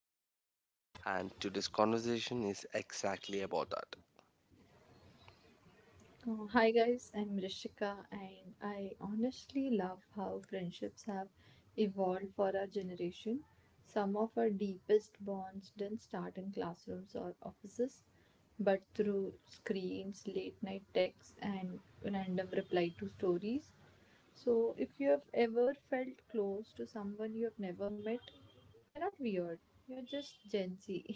it is real, and today's conversation is exactly about that. Hi guys, I'm Rishika and I honestly love how friendships have evolved for our generation. Some of our deepest bonds didn't start in classrooms or offices, but through screens, late night texts, and random reply to stories. So, if you have ever felt close to someone you have never met, you're not weird, you're just Gen Z.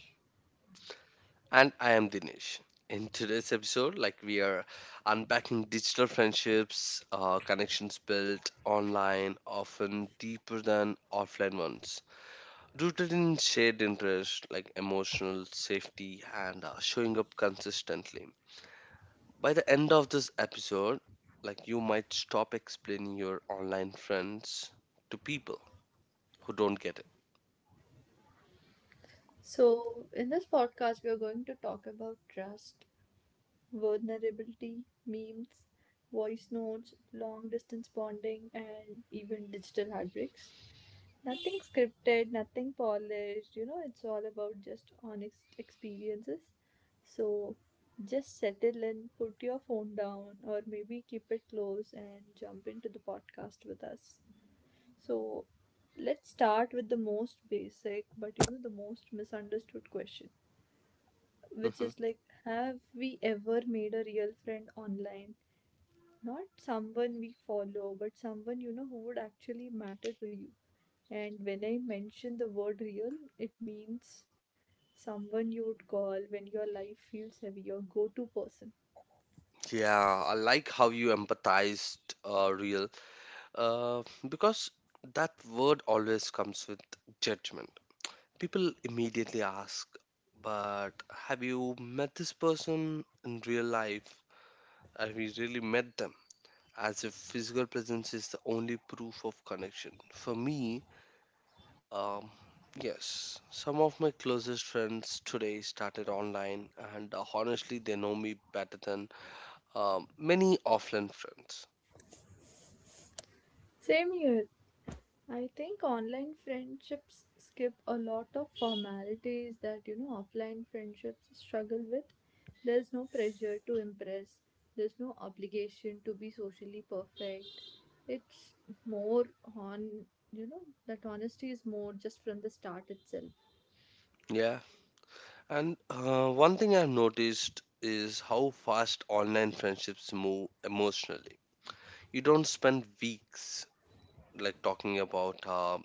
And I am Dinesh. In today's episode, like we are unpacking digital friendships, connections built online, often deeper than offline ones, rooted in shared interest like emotional safety and showing up consistently. By the end of this episode, like you might stop explaining your online friends to people who don't get it. So, in this podcast, we are going to talk about trust, vulnerability, memes, voice notes, long distance bonding, and even digital heartbreaks. Nothing scripted, nothing polished, it's all about just honest experiences. So just settle in, put your phone down, or maybe keep it close and jump into the podcast with us. So let's start with the most basic, but the most misunderstood question which Hmm. is like, have we ever made a real friend online? Not someone we follow, but someone who would actually matter to you. And when I mention the word real, it means someone you would call when your life feels heavy, your go to person. Yeah, I like how you empathized real. Uh, because that word always comes with judgment. People immediately ask, but have you met this person in real life? Have you really met them? As if physical presence is the only proof of connection. For me, um, yes, some of my closest friends today started online, and honestly, they know me better than many offline friends. Same here. I think online friendships skip a lot of formalities that offline friendships struggle with. There's no pressure to impress. There's no obligation to be socially perfect. It's more on that honesty is more just from the start itself. Yeah, and one thing I've noticed is how fast online friendships move emotionally. You don't spend weeks like talking about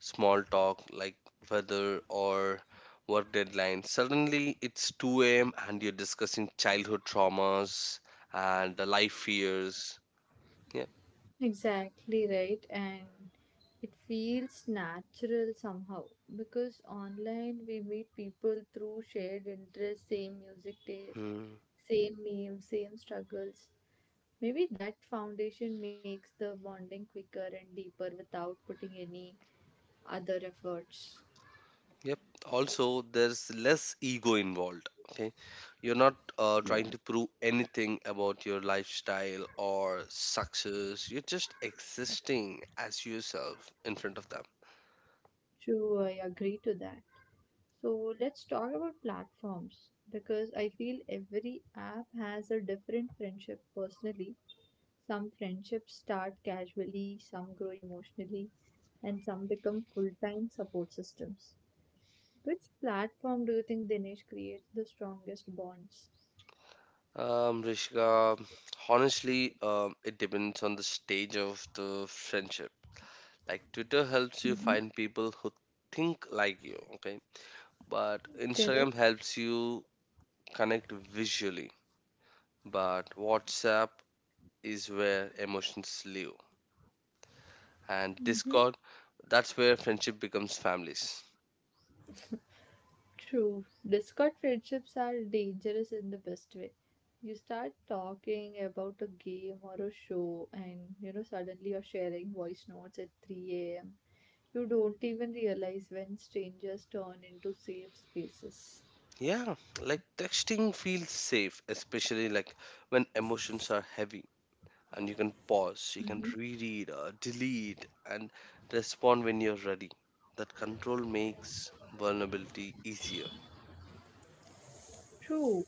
small talk like weather or work deadlines. Suddenly it's 2 a.m. and you're discussing childhood traumas and the life fears. Yeah. Exactly right, and it feels natural somehow because online we meet people through shared interests, same music taste, Hmm. same memes, same struggles. Maybe that foundation makes the bonding quicker and deeper without putting any other efforts. Yep. Also, there's less ego involved. Okay. You're not Yeah. trying to prove anything about your lifestyle or success. You're just existing as yourself in front of them. True, I agree to that. So let's talk about platforms because I feel every app has a different friendship personally. Some friendships start casually, some grow emotionally, and some become full time support systems. Which platform do you think Dinesh creates the strongest bonds? Rishika, honestly, it depends on the stage of the friendship. Like, Twitter helps you Mhm. find people who think like you, okay? But Correct? Instagram helps you connect visually. But WhatsApp is where emotions live and Mm-hmm. Discord. That's where friendship becomes families. True. Discord friendships are dangerous in the best way. You start talking about a game or a show, and suddenly you're sharing voice notes at 3 a.m. You don't even realize when strangers turn into safe spaces. Yeah, like texting feels safe, especially like when emotions are heavy and you can pause, you can reread or delete and respond when you're ready. That control makes vulnerability easier. True.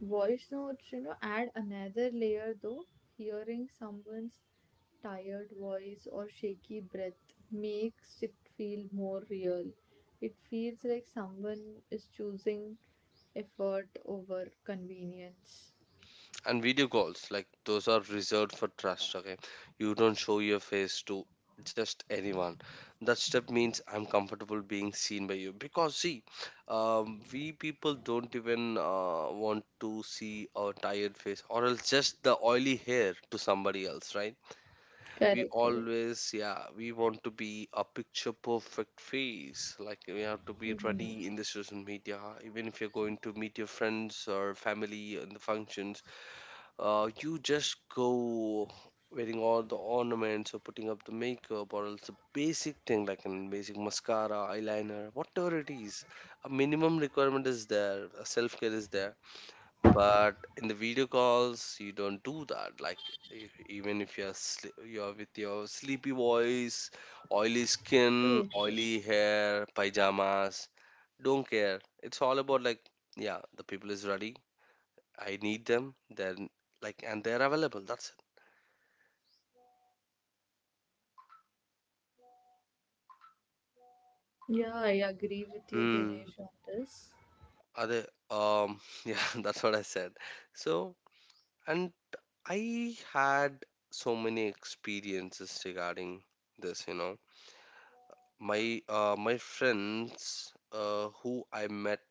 Voice notes, add another layer though. Hearing someone's tired voice or shaky breath makes it feel more real. It feels like someone is choosing effort over convenience. And video calls, like those are reserved for trust, okay? You don't show your face to just anyone. That step means I'm comfortable being seen by you. Because see, we people don't even want to see our tired face or else just the oily hair to somebody else, right? We Correct, correct. always, yeah, we want to be a picture perfect face, like we have to be ready Mm, in the social media even if you're going to meet your friends or family in the functions. You just go wearing all the ornaments or putting up the makeup or else the basic thing like an basic mascara, eyeliner, whatever it is. A minimum requirement is there, a self care is there. But in the video calls, you don't do that. Like e- even if you're sli- you're with your sleepy voice, oily true, skin, true. oily hair, pajamas, don't care. It's all about like, yeah, the people is ready, I need them, then like, and they're available. That's it. Yeah, I agree with you, Hmm. Dinesh, on this. Are they? Yeah, that's what I said. So, and I had so many experiences regarding this. You know, my friends who I met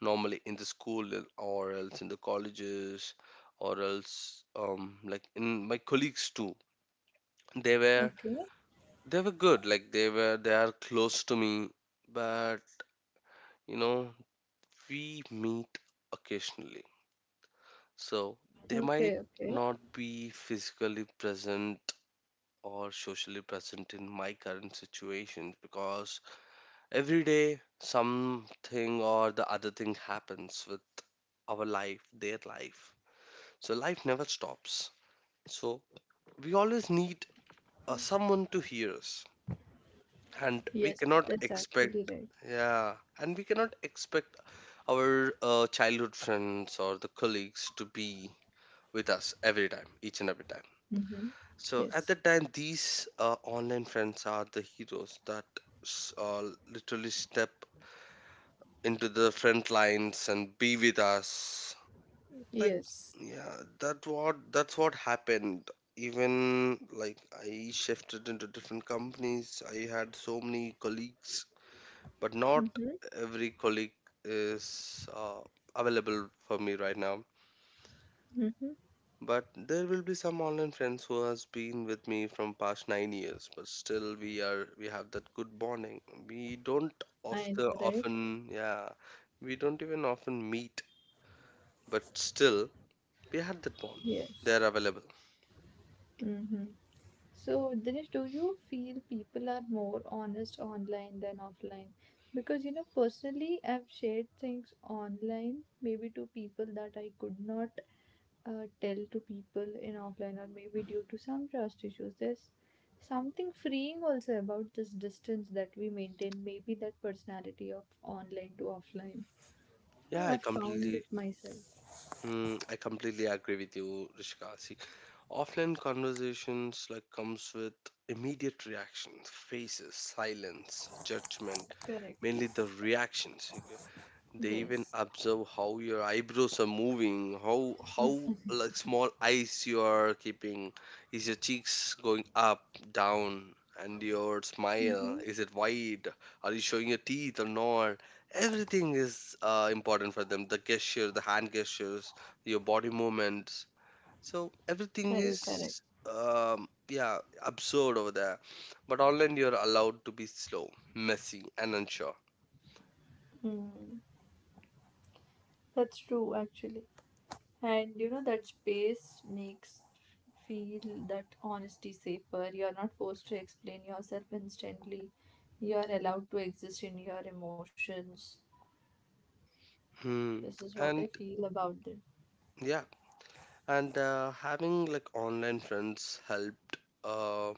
normally in the school or else in the colleges or else like in my colleagues too. They were Okay, they were good. Like they are close to me, but you know we meet occasionally, so they might okay, okay. not be physically present or socially present in my current situation because every day something or the other thing happens with our life, their life. So life never stops. So we always need someone to hear us, and we Yes, yes, cannot that's actually expect, right. yeah, and we cannot expect our childhood friends or the colleagues to be with us every time, each and every time. Mm-hmm. So at Yes, that time, these online friends are the heroes that literally step into the front lines and be with us. Like, yes. yeah, that's what happened. Even like I shifted into different companies, I had so many colleagues, but not every colleague is available for me right now. But there will be some online friends who has been with me from past 9 years, but still we have that good bonding. We don't I often know, right? often yeah, we don't even often meet, but still we had that bond. Yes. They are available. Mm-hmm. So, Dinesh, do you feel people are more honest online than offline? Because, personally, I've shared things online, maybe to people that I could not tell to people in offline, or maybe due to some trust issues. There's something freeing also about this distance that we maintain, maybe that personality of online to offline. Yeah, I I found completely, it myself. I completely agree with you, Rishika. See, offline conversations like comes with immediate reactions, faces, silence, judgment, Correct. mainly the reactions. Okay? They even Yes. observe how your eyebrows are moving, how like small eyes you are keeping. Is your cheeks going up, down, and your smile, is it wide? Are you showing your teeth or not? Everything is important for them. The gesture, the hand gestures, your body movements. So everything Correct, correct. is yeah, absurd over there. But online you're allowed to be slow, messy, and unsure. Mm, that's true, actually. And that space makes feel that honesty safer. You're not forced to explain yourself instantly. You're allowed to exist in your emotions. Hmm. This is what And I feel about it. yeah, and having like online friends helped. Uh,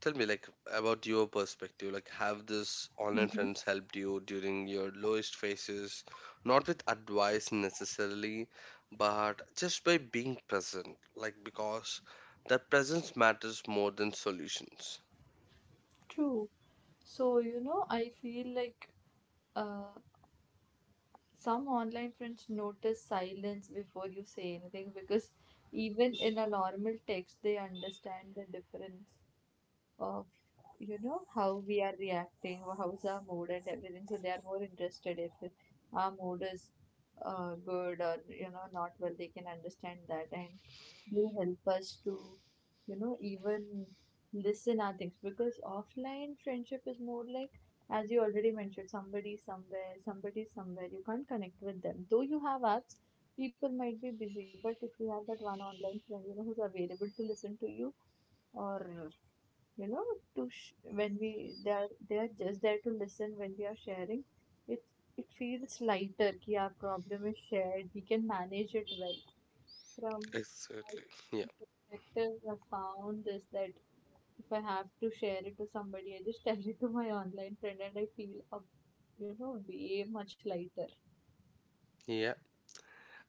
Tell me like about your perspective. Like, have this online Mm-hmm. friends helped you during your lowest phases? Not with advice necessarily, but just by being present. Like, because that presence matters more than solutions. True. So, I feel like uh, some online friends notice silence before you say anything because even in a normal text, they understand the difference of how we are reacting or how's our mood and everything, so they are more interested if our mood is good or not well, they can understand that, and they help us to even listen our things, because offline friendship is more like, as you already mentioned, somebody somewhere, you can't connect with them though you have apps. People might be busy, but if you have that one online friend, who's available to listen to you, or you know to when we they are just there to listen when we are sharing it, it feels lighter ki our problem is shared, we can manage it well. From my Exactly. Yeah. perspective, I found this that if I have to share it to somebody, I just tell it to my online friend and I feel a, way much lighter. Yeah.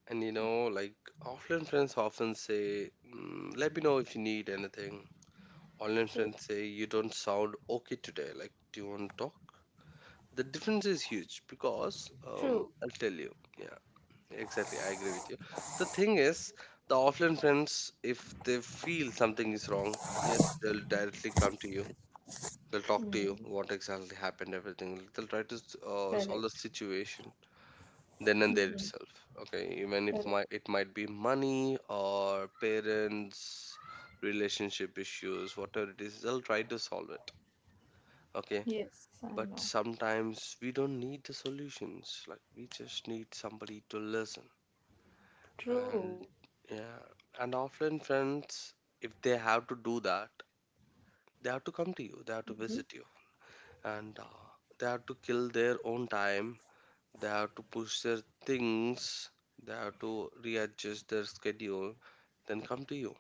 And you know, like offline friends often say, "Let me know if you need anything." Online True, friends say you don't sound okay today. Like, do you want to talk? The difference is huge because true. I'll tell you. Yeah, exactly. I agree with you. The thing is, the offline friends, if they feel something is wrong, yes, they'll directly come to you. They'll talk to you. Hmm. What exactly happened? Everything. They'll try to solve the Correct. situation then and there Hmm. itself. Okay, even if Correct. my it might be money or parents, relationship issues, whatever it is, they'll try to solve it. Okay, Yes. I but know. sometimes we don't need the solutions. Like we just need somebody to listen. And True. yeah, and offline friends, if they have to do that, they have to come to you. They have to Hmm. visit you, and they have to kill their own time. They have to push their things. They have to readjust their schedule, then come to you.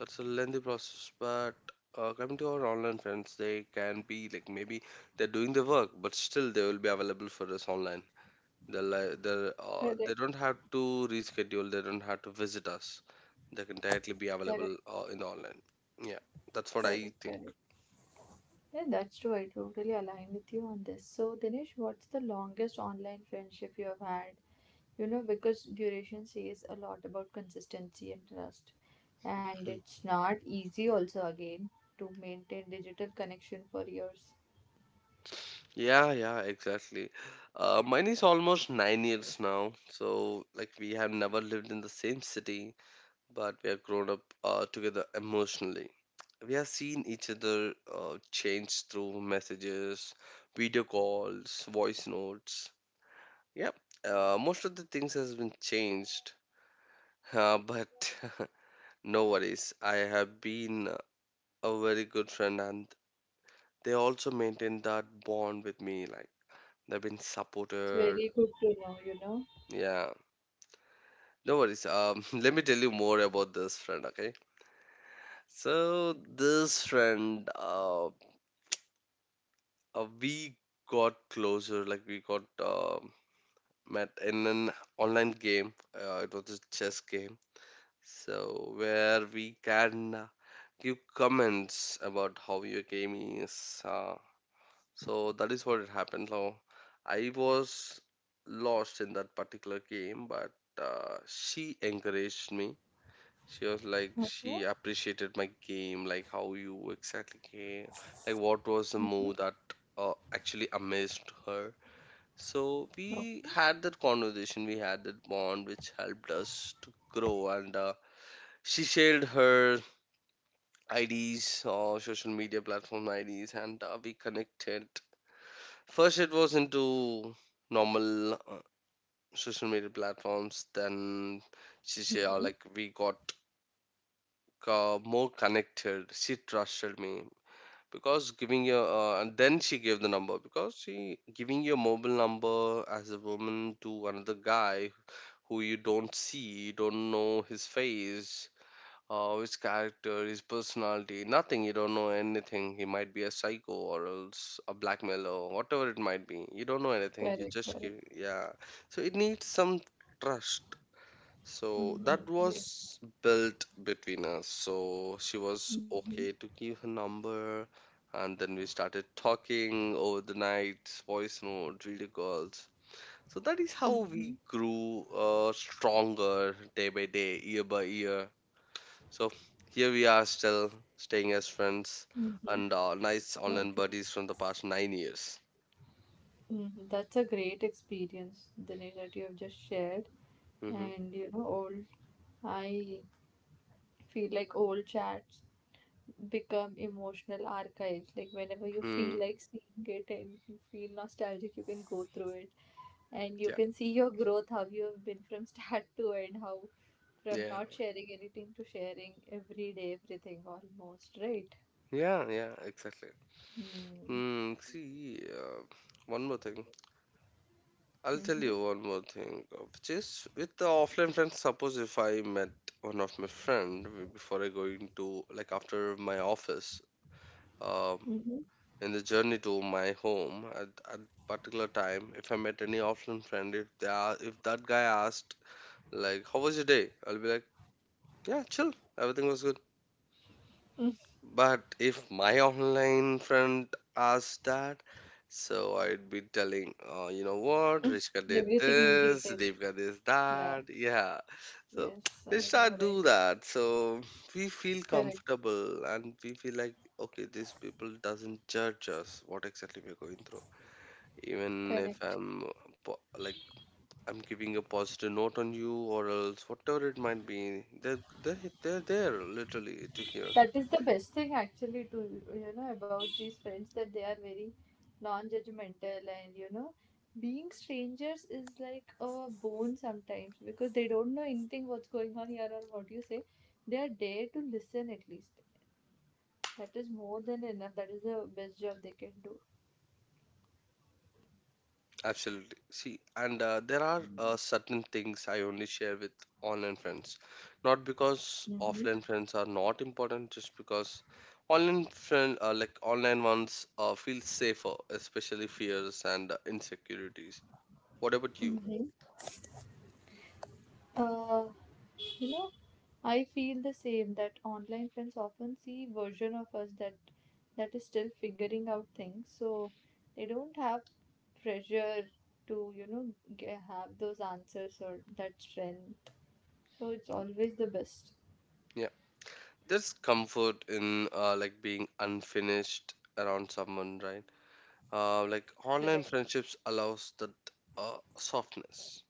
That's a lengthy process. But coming to our online friends, they can be like maybe they're doing the work but still they will be available for us online. They're like they're, Correct, they don't have to reschedule, they don't have to visit us, they can directly be correct, available in the online. Yeah, that's what I correct, think. correct. Yeah, that's true. I totally align with you on this. So, Dinesh, what's the longest online friendship you have had? Because duration says a lot about consistency and trust. And Mhm. it's not easy, also, again, to maintain digital connection for years. Yeah, yeah, exactly, mine is almost 9 years now. So like we have never lived in the same city, but we have grown up together emotionally. We have seen each other change through messages, video calls, voice notes. Yep, most of the things has been changed, but no worries. I have been a very good friend, and they also maintained that bond with me. Like they've been That's supported. very good to know, you know. Yeah, no worries. Let me tell you more about this friend. Okay, so this friend, we got closer, like we got um, met in an online game. It was a chess game, so where we can give comments about how your game is, so that is what it happened. So I was lost in that particular game, but she encouraged me. She Okay, appreciated my game, like how you exactly came, like what was the move that actually amazed her. So we okay, had that conversation, we had that bond which helped us to grow. And she shared her IDs or social media platform IDs, and we connected. First, it was into normal social media platforms. Then she shared, like we got more connected. She trusted me, because giving your and then she gave the number. Because she giving your mobile number as a woman to another guy who you don't see, you don't know his face, his character, his personality, nothing. You don't know anything. He might be a psycho or else a blackmailer, or whatever it might be. You don't know anything. You correct, just give, correct. yeah. So it needs some trust. So Mm-hmm. that Yes. was built between us. So she was Mm-hmm. okay to give her number, and then we started talking over the night, voice note, video calls, so that is how Mm-hmm. we grew stronger day by day, year by year. So here we are still staying as friends Mm-hmm. and nice online Okay. buddies from the past 9 years. Mhm. That's a great experience, Dinesh, that you have just shared. Mm-hmm. And old, I feel like old chats become emotional archives. Like whenever you feel Mm. like seeing it and you feel nostalgic, you can go through it and you Yeah, can see your growth, how you have been from start to end, how from yeah, not sharing anything to sharing every day, everything almost, right? yeah, yeah, exactly. Mm-hmm. Hmm. See, one more thing. I'll tell Mm-hmm. you one more thing, which is with the offline friends. Suppose if I met one of my friend b- before I going to like after my office, um, Mm-hmm. in the journey to my home at particular time if I met any offline friend if they are, if that guy asked like how was your day, I'll be like, yeah, chill, everything was good. But if my online friend asked that, so I'd be telling, "Oh, you know what, Rishka did Everything in this, detail. Devika did Yeah. that, yeah, so Yes, I Rishka know, do right? that." So we feel Correct, comfortable and we feel like, okay, these people doesn't judge us what exactly we're going through. Even if correct. I'm po- like I'm giving a positive note on you or else whatever it might be, they're there literally to hear. That is the best thing actually to about these friends, that they are very non-judgmental, and being strangers is like a bone sometimes because they don't know anything what's going on here or what you say. They are there to listen at least. That is more than enough. That is the best job they can do. Absolutely. See, and there are Mm. certain things I only share with online friends, not because offline friends are not important, just because online friend like online ones feel safer, especially fears and insecurities. What about you? Mm-hmm. Mm-hmm. You know, I feel the same that online friends often see version of us that is still figuring out things. So they don't have pressure to, g have those answers or that strength. So it's always the best. Yeah. There's comfort in like being unfinished around someone, right? Like online Correct. friendships allows that softness.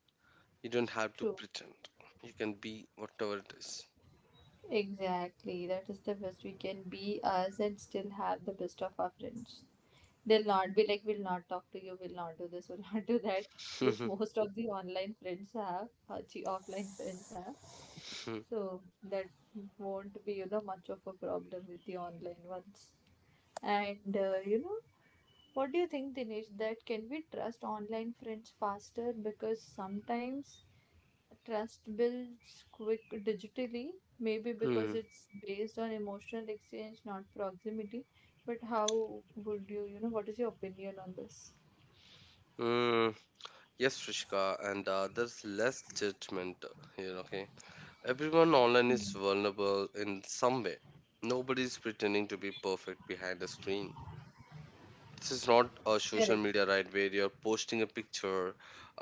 You don't have to True. pretend. You can be whatever it is. Exactly. That is the best. We can be us and still have the best of our friends. They'll not be like, we'll not talk to you, we'll not do this, we'll not do that, which most of the online friends have, or the offline friends have. So that won't be much of a problem with the online ones, and what do you think Dinesh, that can we trust online friends faster, because sometimes trust builds quick digitally, maybe because Hmm. it's based on emotional exchange, not proximity, but how would you you know what is your opinion on this? Mm. Yes, Rishika, and there's less judgment here, okay? Everyone online is Hmm. vulnerable in some way. Nobody's pretending to be perfect behind the screen. This is not a social Correct, media, right, where you're posting a picture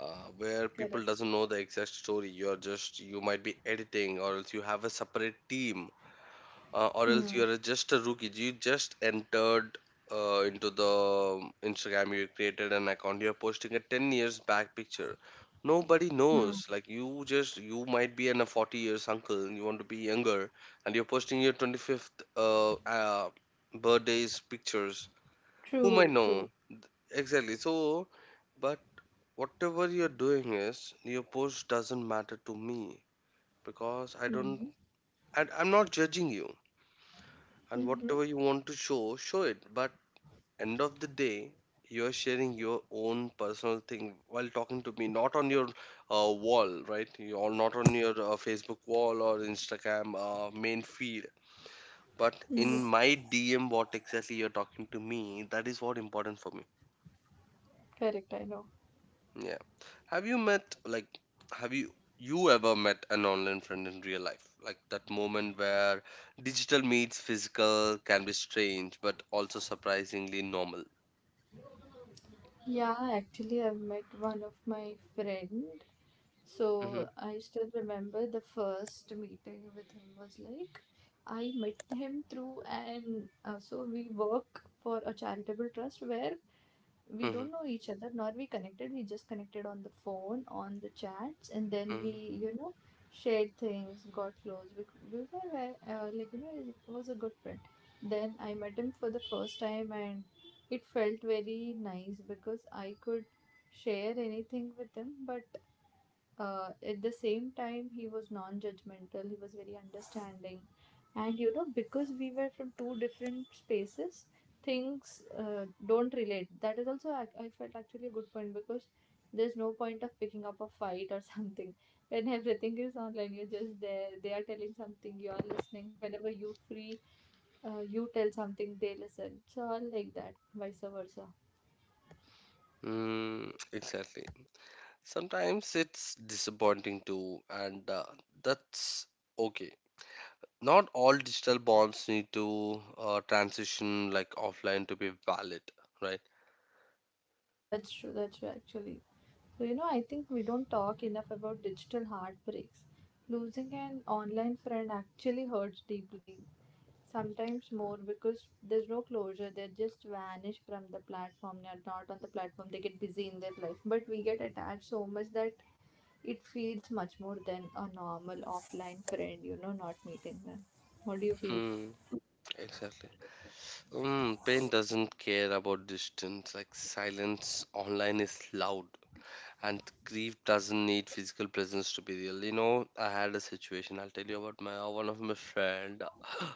where people correct. doesn't know the exact story. You're just, you might be editing or else you have a separate team, or else Mm. you're just a rookie, you just entered into the Instagram, you created an account, you're posting a 10 years back picture. Nobody Mm. knows, like you just, you might be an a 40 years uncle and you want to be younger, and you're posting your 25th uh, uh, birthdays pictures whom I True, true. know. Exactly. So, but whatever you're doing is your post doesn't matter to me, because I don't, Mm-hmm. and I'm not judging you. And Mm-hmm. whatever you want to show, show it. But end of the day, you're sharing your own personal thing while talking to me, not on your wall, right? You're not on your Facebook wall or Instagram main feed. But in my DM, what exactly you're talking to me, that is what important for me. Correct. I know. Yeah. Have you have you you ever met an online friend in real life? Like that moment where digital meets physical can be strange but also surprisingly normal. Yeah, actually, I've met one of my friend. So Hmm. I still remember the first meeting with him was like, I met him through, and so we work for a charitable trust where we Mhm, don't know each other nor we connected, we just connected on the phone, on the chats, and then we mhm. you know shared things, got close. Like it was a good friend, then I met him for the first time, and it felt very nice because I could share anything with him, but at the same time he was non-judgmental, he was very understanding, and because we were from two different spaces, things don't relate, that is also I felt actually a good point, because there's no point of picking up a fight or something. When everything is online, you're just there, they are telling something, you're listening whenever you free, you tell something, they listen, so all like that, vice versa. Mm, exactly. Sometimes it's disappointing too, and that's okay. Not all digital bonds need to transition like offline to be valid, right? That's true actually. So, I think we don't talk enough about digital heartbreaks. Losing an online friend actually hurts deeply, sometimes more because there's no closure. They just vanish from the platform. They're not on the platform. They get busy in their life. But we get attached so much that it feels much more than a normal offline friend, not meeting them. What do you feel? Mm, exactly. Mm, pain doesn't care about distance, like silence online is loud, and grief doesn't need physical presence to be real. You know, I had a situation. I'll tell you about my one of my friend.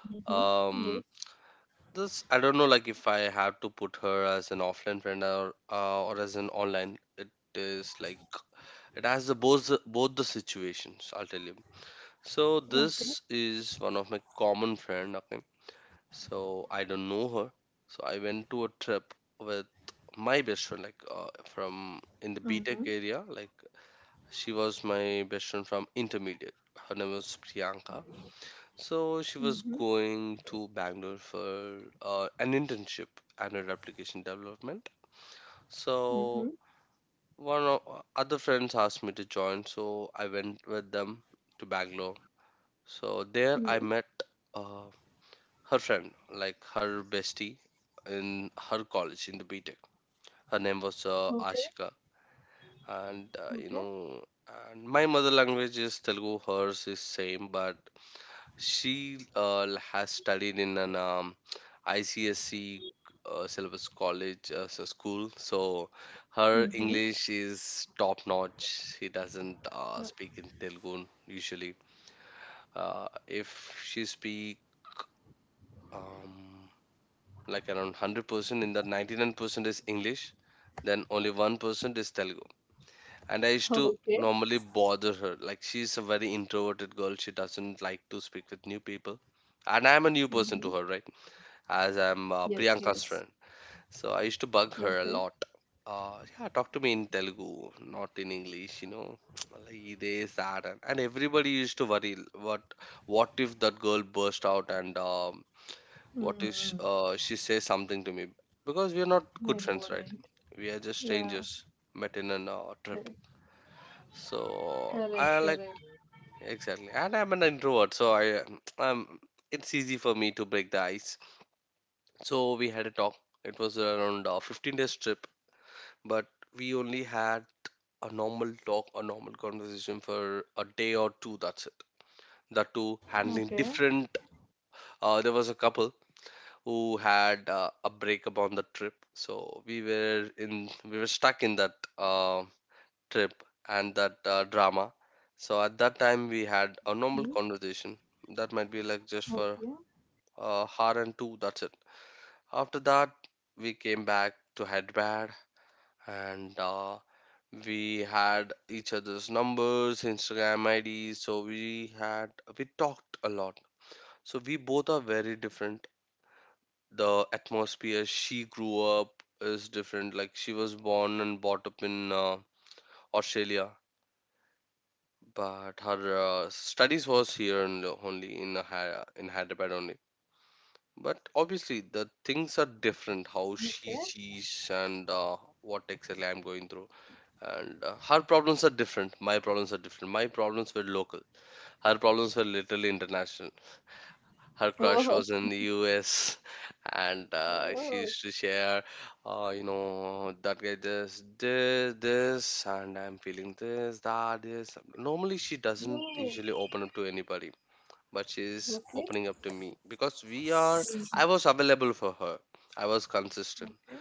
Mm-hmm. Um, Yes. this I don't know, like if I have to put her as an offline friend or as an online. It is like it has both the situations. I'll tell you. So Okay. this is one of my common friend. Okay, so I don't know her. So I went to a trip with my best friend, like from in the BTech Mm-hmm. area. Like she was my best friend from intermediate. Her name was Priyanka. So she was Mm-hmm. going to Bangalore for an internship and her application development. Mm-hmm. So one of other friends asked me to join, so I went with them to Bangalore. So there I met uh, her friend, like her bestie in her college in the B Tech. Her name was Mm-hmm. Ashika, and you okay. know, and my mother language is Telugu. Hers is same, but she has studied in an ICSC syllabus college as a school, so her హుహు. English is top notch. She doesn't ఆహ్, speak in Telugu usually. If she speak um like around 100% in the 99% is English, then only 1% is Telugu. And I used to okay. normally bother her, like she's a very introverted girl, she doesn't like to speak with new people, and I'm a new person హుహు. to her, right, as I'm yes. Priyanka's yes. friend. So I used to bug her a okay. lot, yeah, talk to me in Telugu, not in English, you know. Like, ఇదే sad. And everybody used to worry, what what if that girl burst out and హ్మ్. what if హ్మ్. She says something to me? Because we are not good I know friends, right? Right. We are just yeah! strangers met in a trip. Correct. So I correct. like, correct. exactly, and I'm an introvert, so I, um, it's easy for me to break the ice. So we had a talk. It was around a 15 days trip, but we only had a normal talk, a normal conversation for a day or two. That's it. That too, handling okay. different. There was a couple who had a breakup on the trip. So we were stuck in that trip and that drama. So at that time we had a normal హ్మ్. conversation that might be like just for okay. a hour and two. That's it. After that we came back to Hyderabad, and we had each other's numbers, Instagram IDs. So we talked a lot. So we both are very different, the atmosphere she grew up is different. Like she was born and brought up in Australia, but her studies was here in, only in Hyderabad only. But obviously the things are different. How okay. she sees and what exactly I'm going through, and her problems are different. My problems are different. My problems were local. Her problems were literally international. Her crush ఓహో! was in the US, and she oh! used to share, you know, that guy this, this, this, and I'm feeling this, that, this. Normally, she doesn't oh! usually open up to anybody, but she's okay. opening up to me because we are, హుహు. I was available for her. I was consistent. Okay.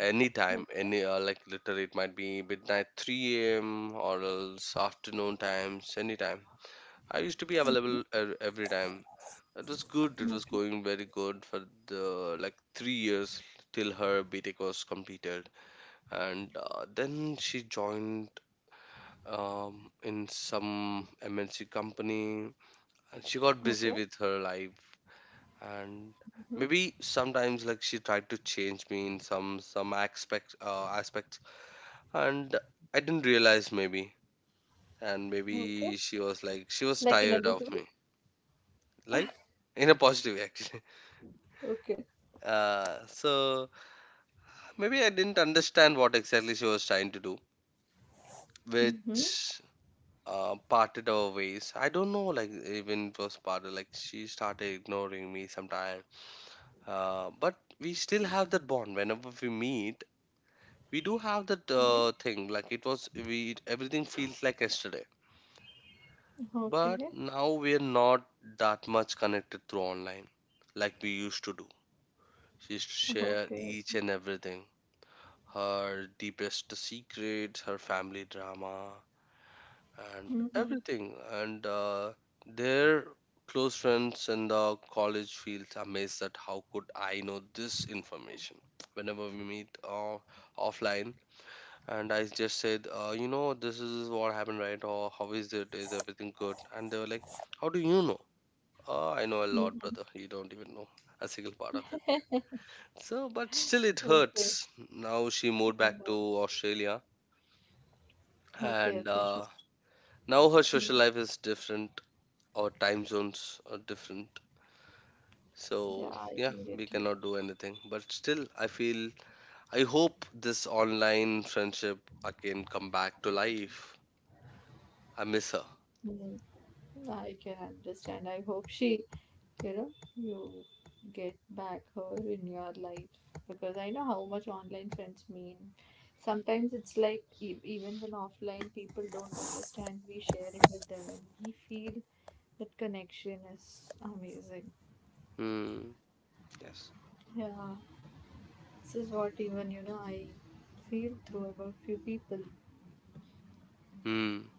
Anytime, okay. any like literally, it might be midnight, 3 a.m. or else afternoon times, anytime. I used to be available every time. It was good. It was okay. going very good for the like 3 years till her BTech was completed, and then she joined in some MNC company, and she got busy okay. with her life. And హుహు. maybe sometimes like she tried to change me in some aspect aspects, and I didn't realize maybe. And okay. maybe she was like in a tired good of way? me, like in a positive way actually. Okay. So maybe I didn't understand what exactly she was trying to do, హుహు. which parted our ways. I don't know, like even it was parted, like she started ignoring me sometime. But we still have that bond. Whenever we meet, we do have that హుహు. Thing. Like it was, we everything feels like yesterday. But okay. now we're not that much connected through online, like we used to do. She used to share okay. each and everything, her deepest secrets, her family drama, and హుహు. everything. And their close friends in the college feels amazed that how could I know this information. Whenever we meet offline, and I just said, you know, this is what happened, right? Or how is it? Is everything good? And they were like, how do you know? Oh, I know a lot, హుహు. brother. You don't even know a single part of it. So, but still, it okay. hurts. Now she moved I back no. to Australia, okay. and okay. Sure. now her హ్మ్. social life is different, our time zones are different, Yeah, so I yeah, can get we you. cannot do anything, but still I feel, I hope this online friendship again come back to life. I miss her. Mm, I can understand. I hope she, you know, you get back her in your life because I know how much online friends mean. Sometimes it's like even when offline people don't understand, we share it with them and we feel that connection is amazing. Hmm. Yes. Yeah, this is what even I feel through about few people. Hmm,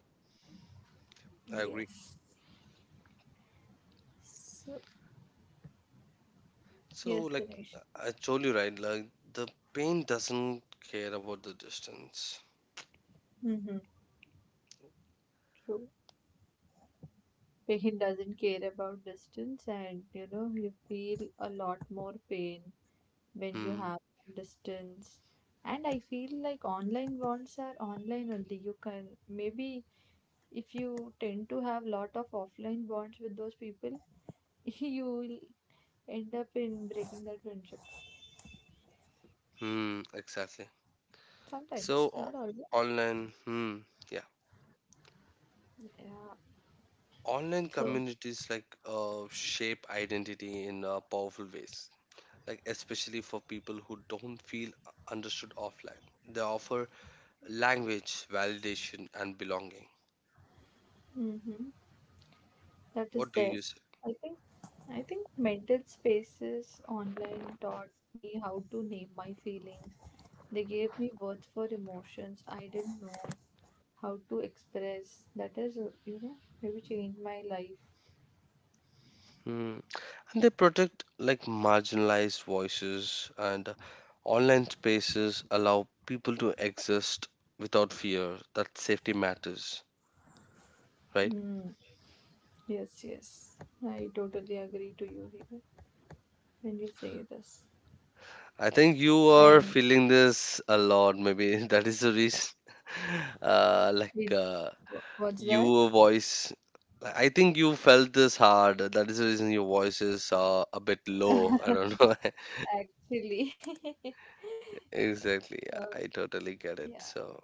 I agree. Yes. So So yes, like Dinesh. I told you, right, like the pain doesn't care about the distance. Mm-hmm. True. Pain doesn't care about distance, and you feel a lot more pain when you Hmm. have distance. And I feel like online bonds are online only. You can maybe if you tend to have lot of offline bonds with those people, you will end up in breaking that friendship. Hmm, exactly. so Sometimes, o- not always. Online, hmm, yeah, Yeah. online So. communities like shape identity in powerful ways, like especially for people who don't feel understood offline. They offer language, validation, and belonging. Mm-hmm. That is What do there. you say? I think I think mental spaces online taught me how to name my feelings. They gave me words for emotions I didn't know how to express. That has maybe changed my life. Hmm. And they protect like marginalized voices, and online spaces allow people to exist without fear. That safety matters, right? Hmm. Yes, yes. I totally agree to you here when you say this. I think you are And feeling this a lot. Maybe that is the reason. Uh, like it, uh, what's that? your voice, I think you felt this hard. That is the reason your voice is a bit low. I don't know. Actually, uh, Exactly. Yeah, I totally get it. yeah. So,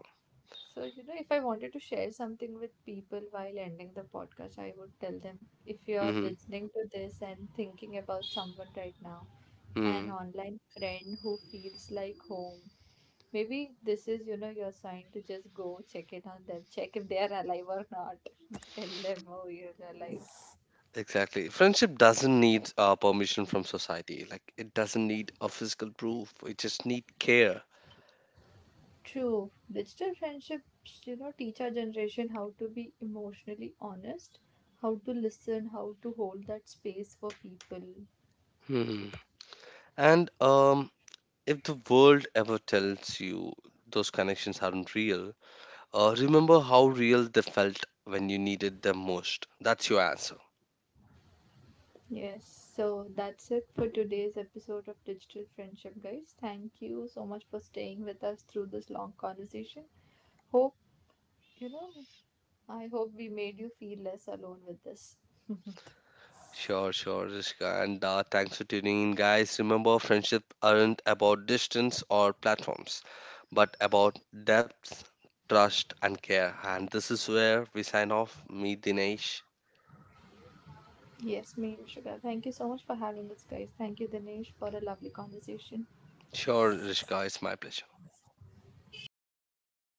So, if I wanted to share something with people while ending the podcast, I would tell them if you are hmm, listening to this and thinking about someone right now, an hmm, online friend who feels like home, maybe this is, your sign to just go check in on them, check if they are alive or not. Tell them, oh, you're alive. exactly. Friendship doesn't need permission from society. Like it doesn't need a physical proof. It just need care. True. Digital friendships, teach our generation how to be emotionally honest, how to listen, how to hold that space for people. Hmm. And. If the world ever tells you those connections aren't real, remember how real they felt when you needed them most. That's your answer. Yes, so that's it for today's episode of Digital Friendship, guys. Thank you so much for staying with us through this long conversation. Hope, you know, I hope we made you feel less alone with this. Sure, sure, Rishika. And thanks for tuning in, guys. Remember, friendship aren't about distance or platforms, but about depth, trust, and care. And this is where we sign off. Meet Dinesh. Yes, me, Rishika. Thank you so much for having us, guys. Thank you, Dinesh, for a lovely conversation. Sure, Rishika, it's my pleasure. Thank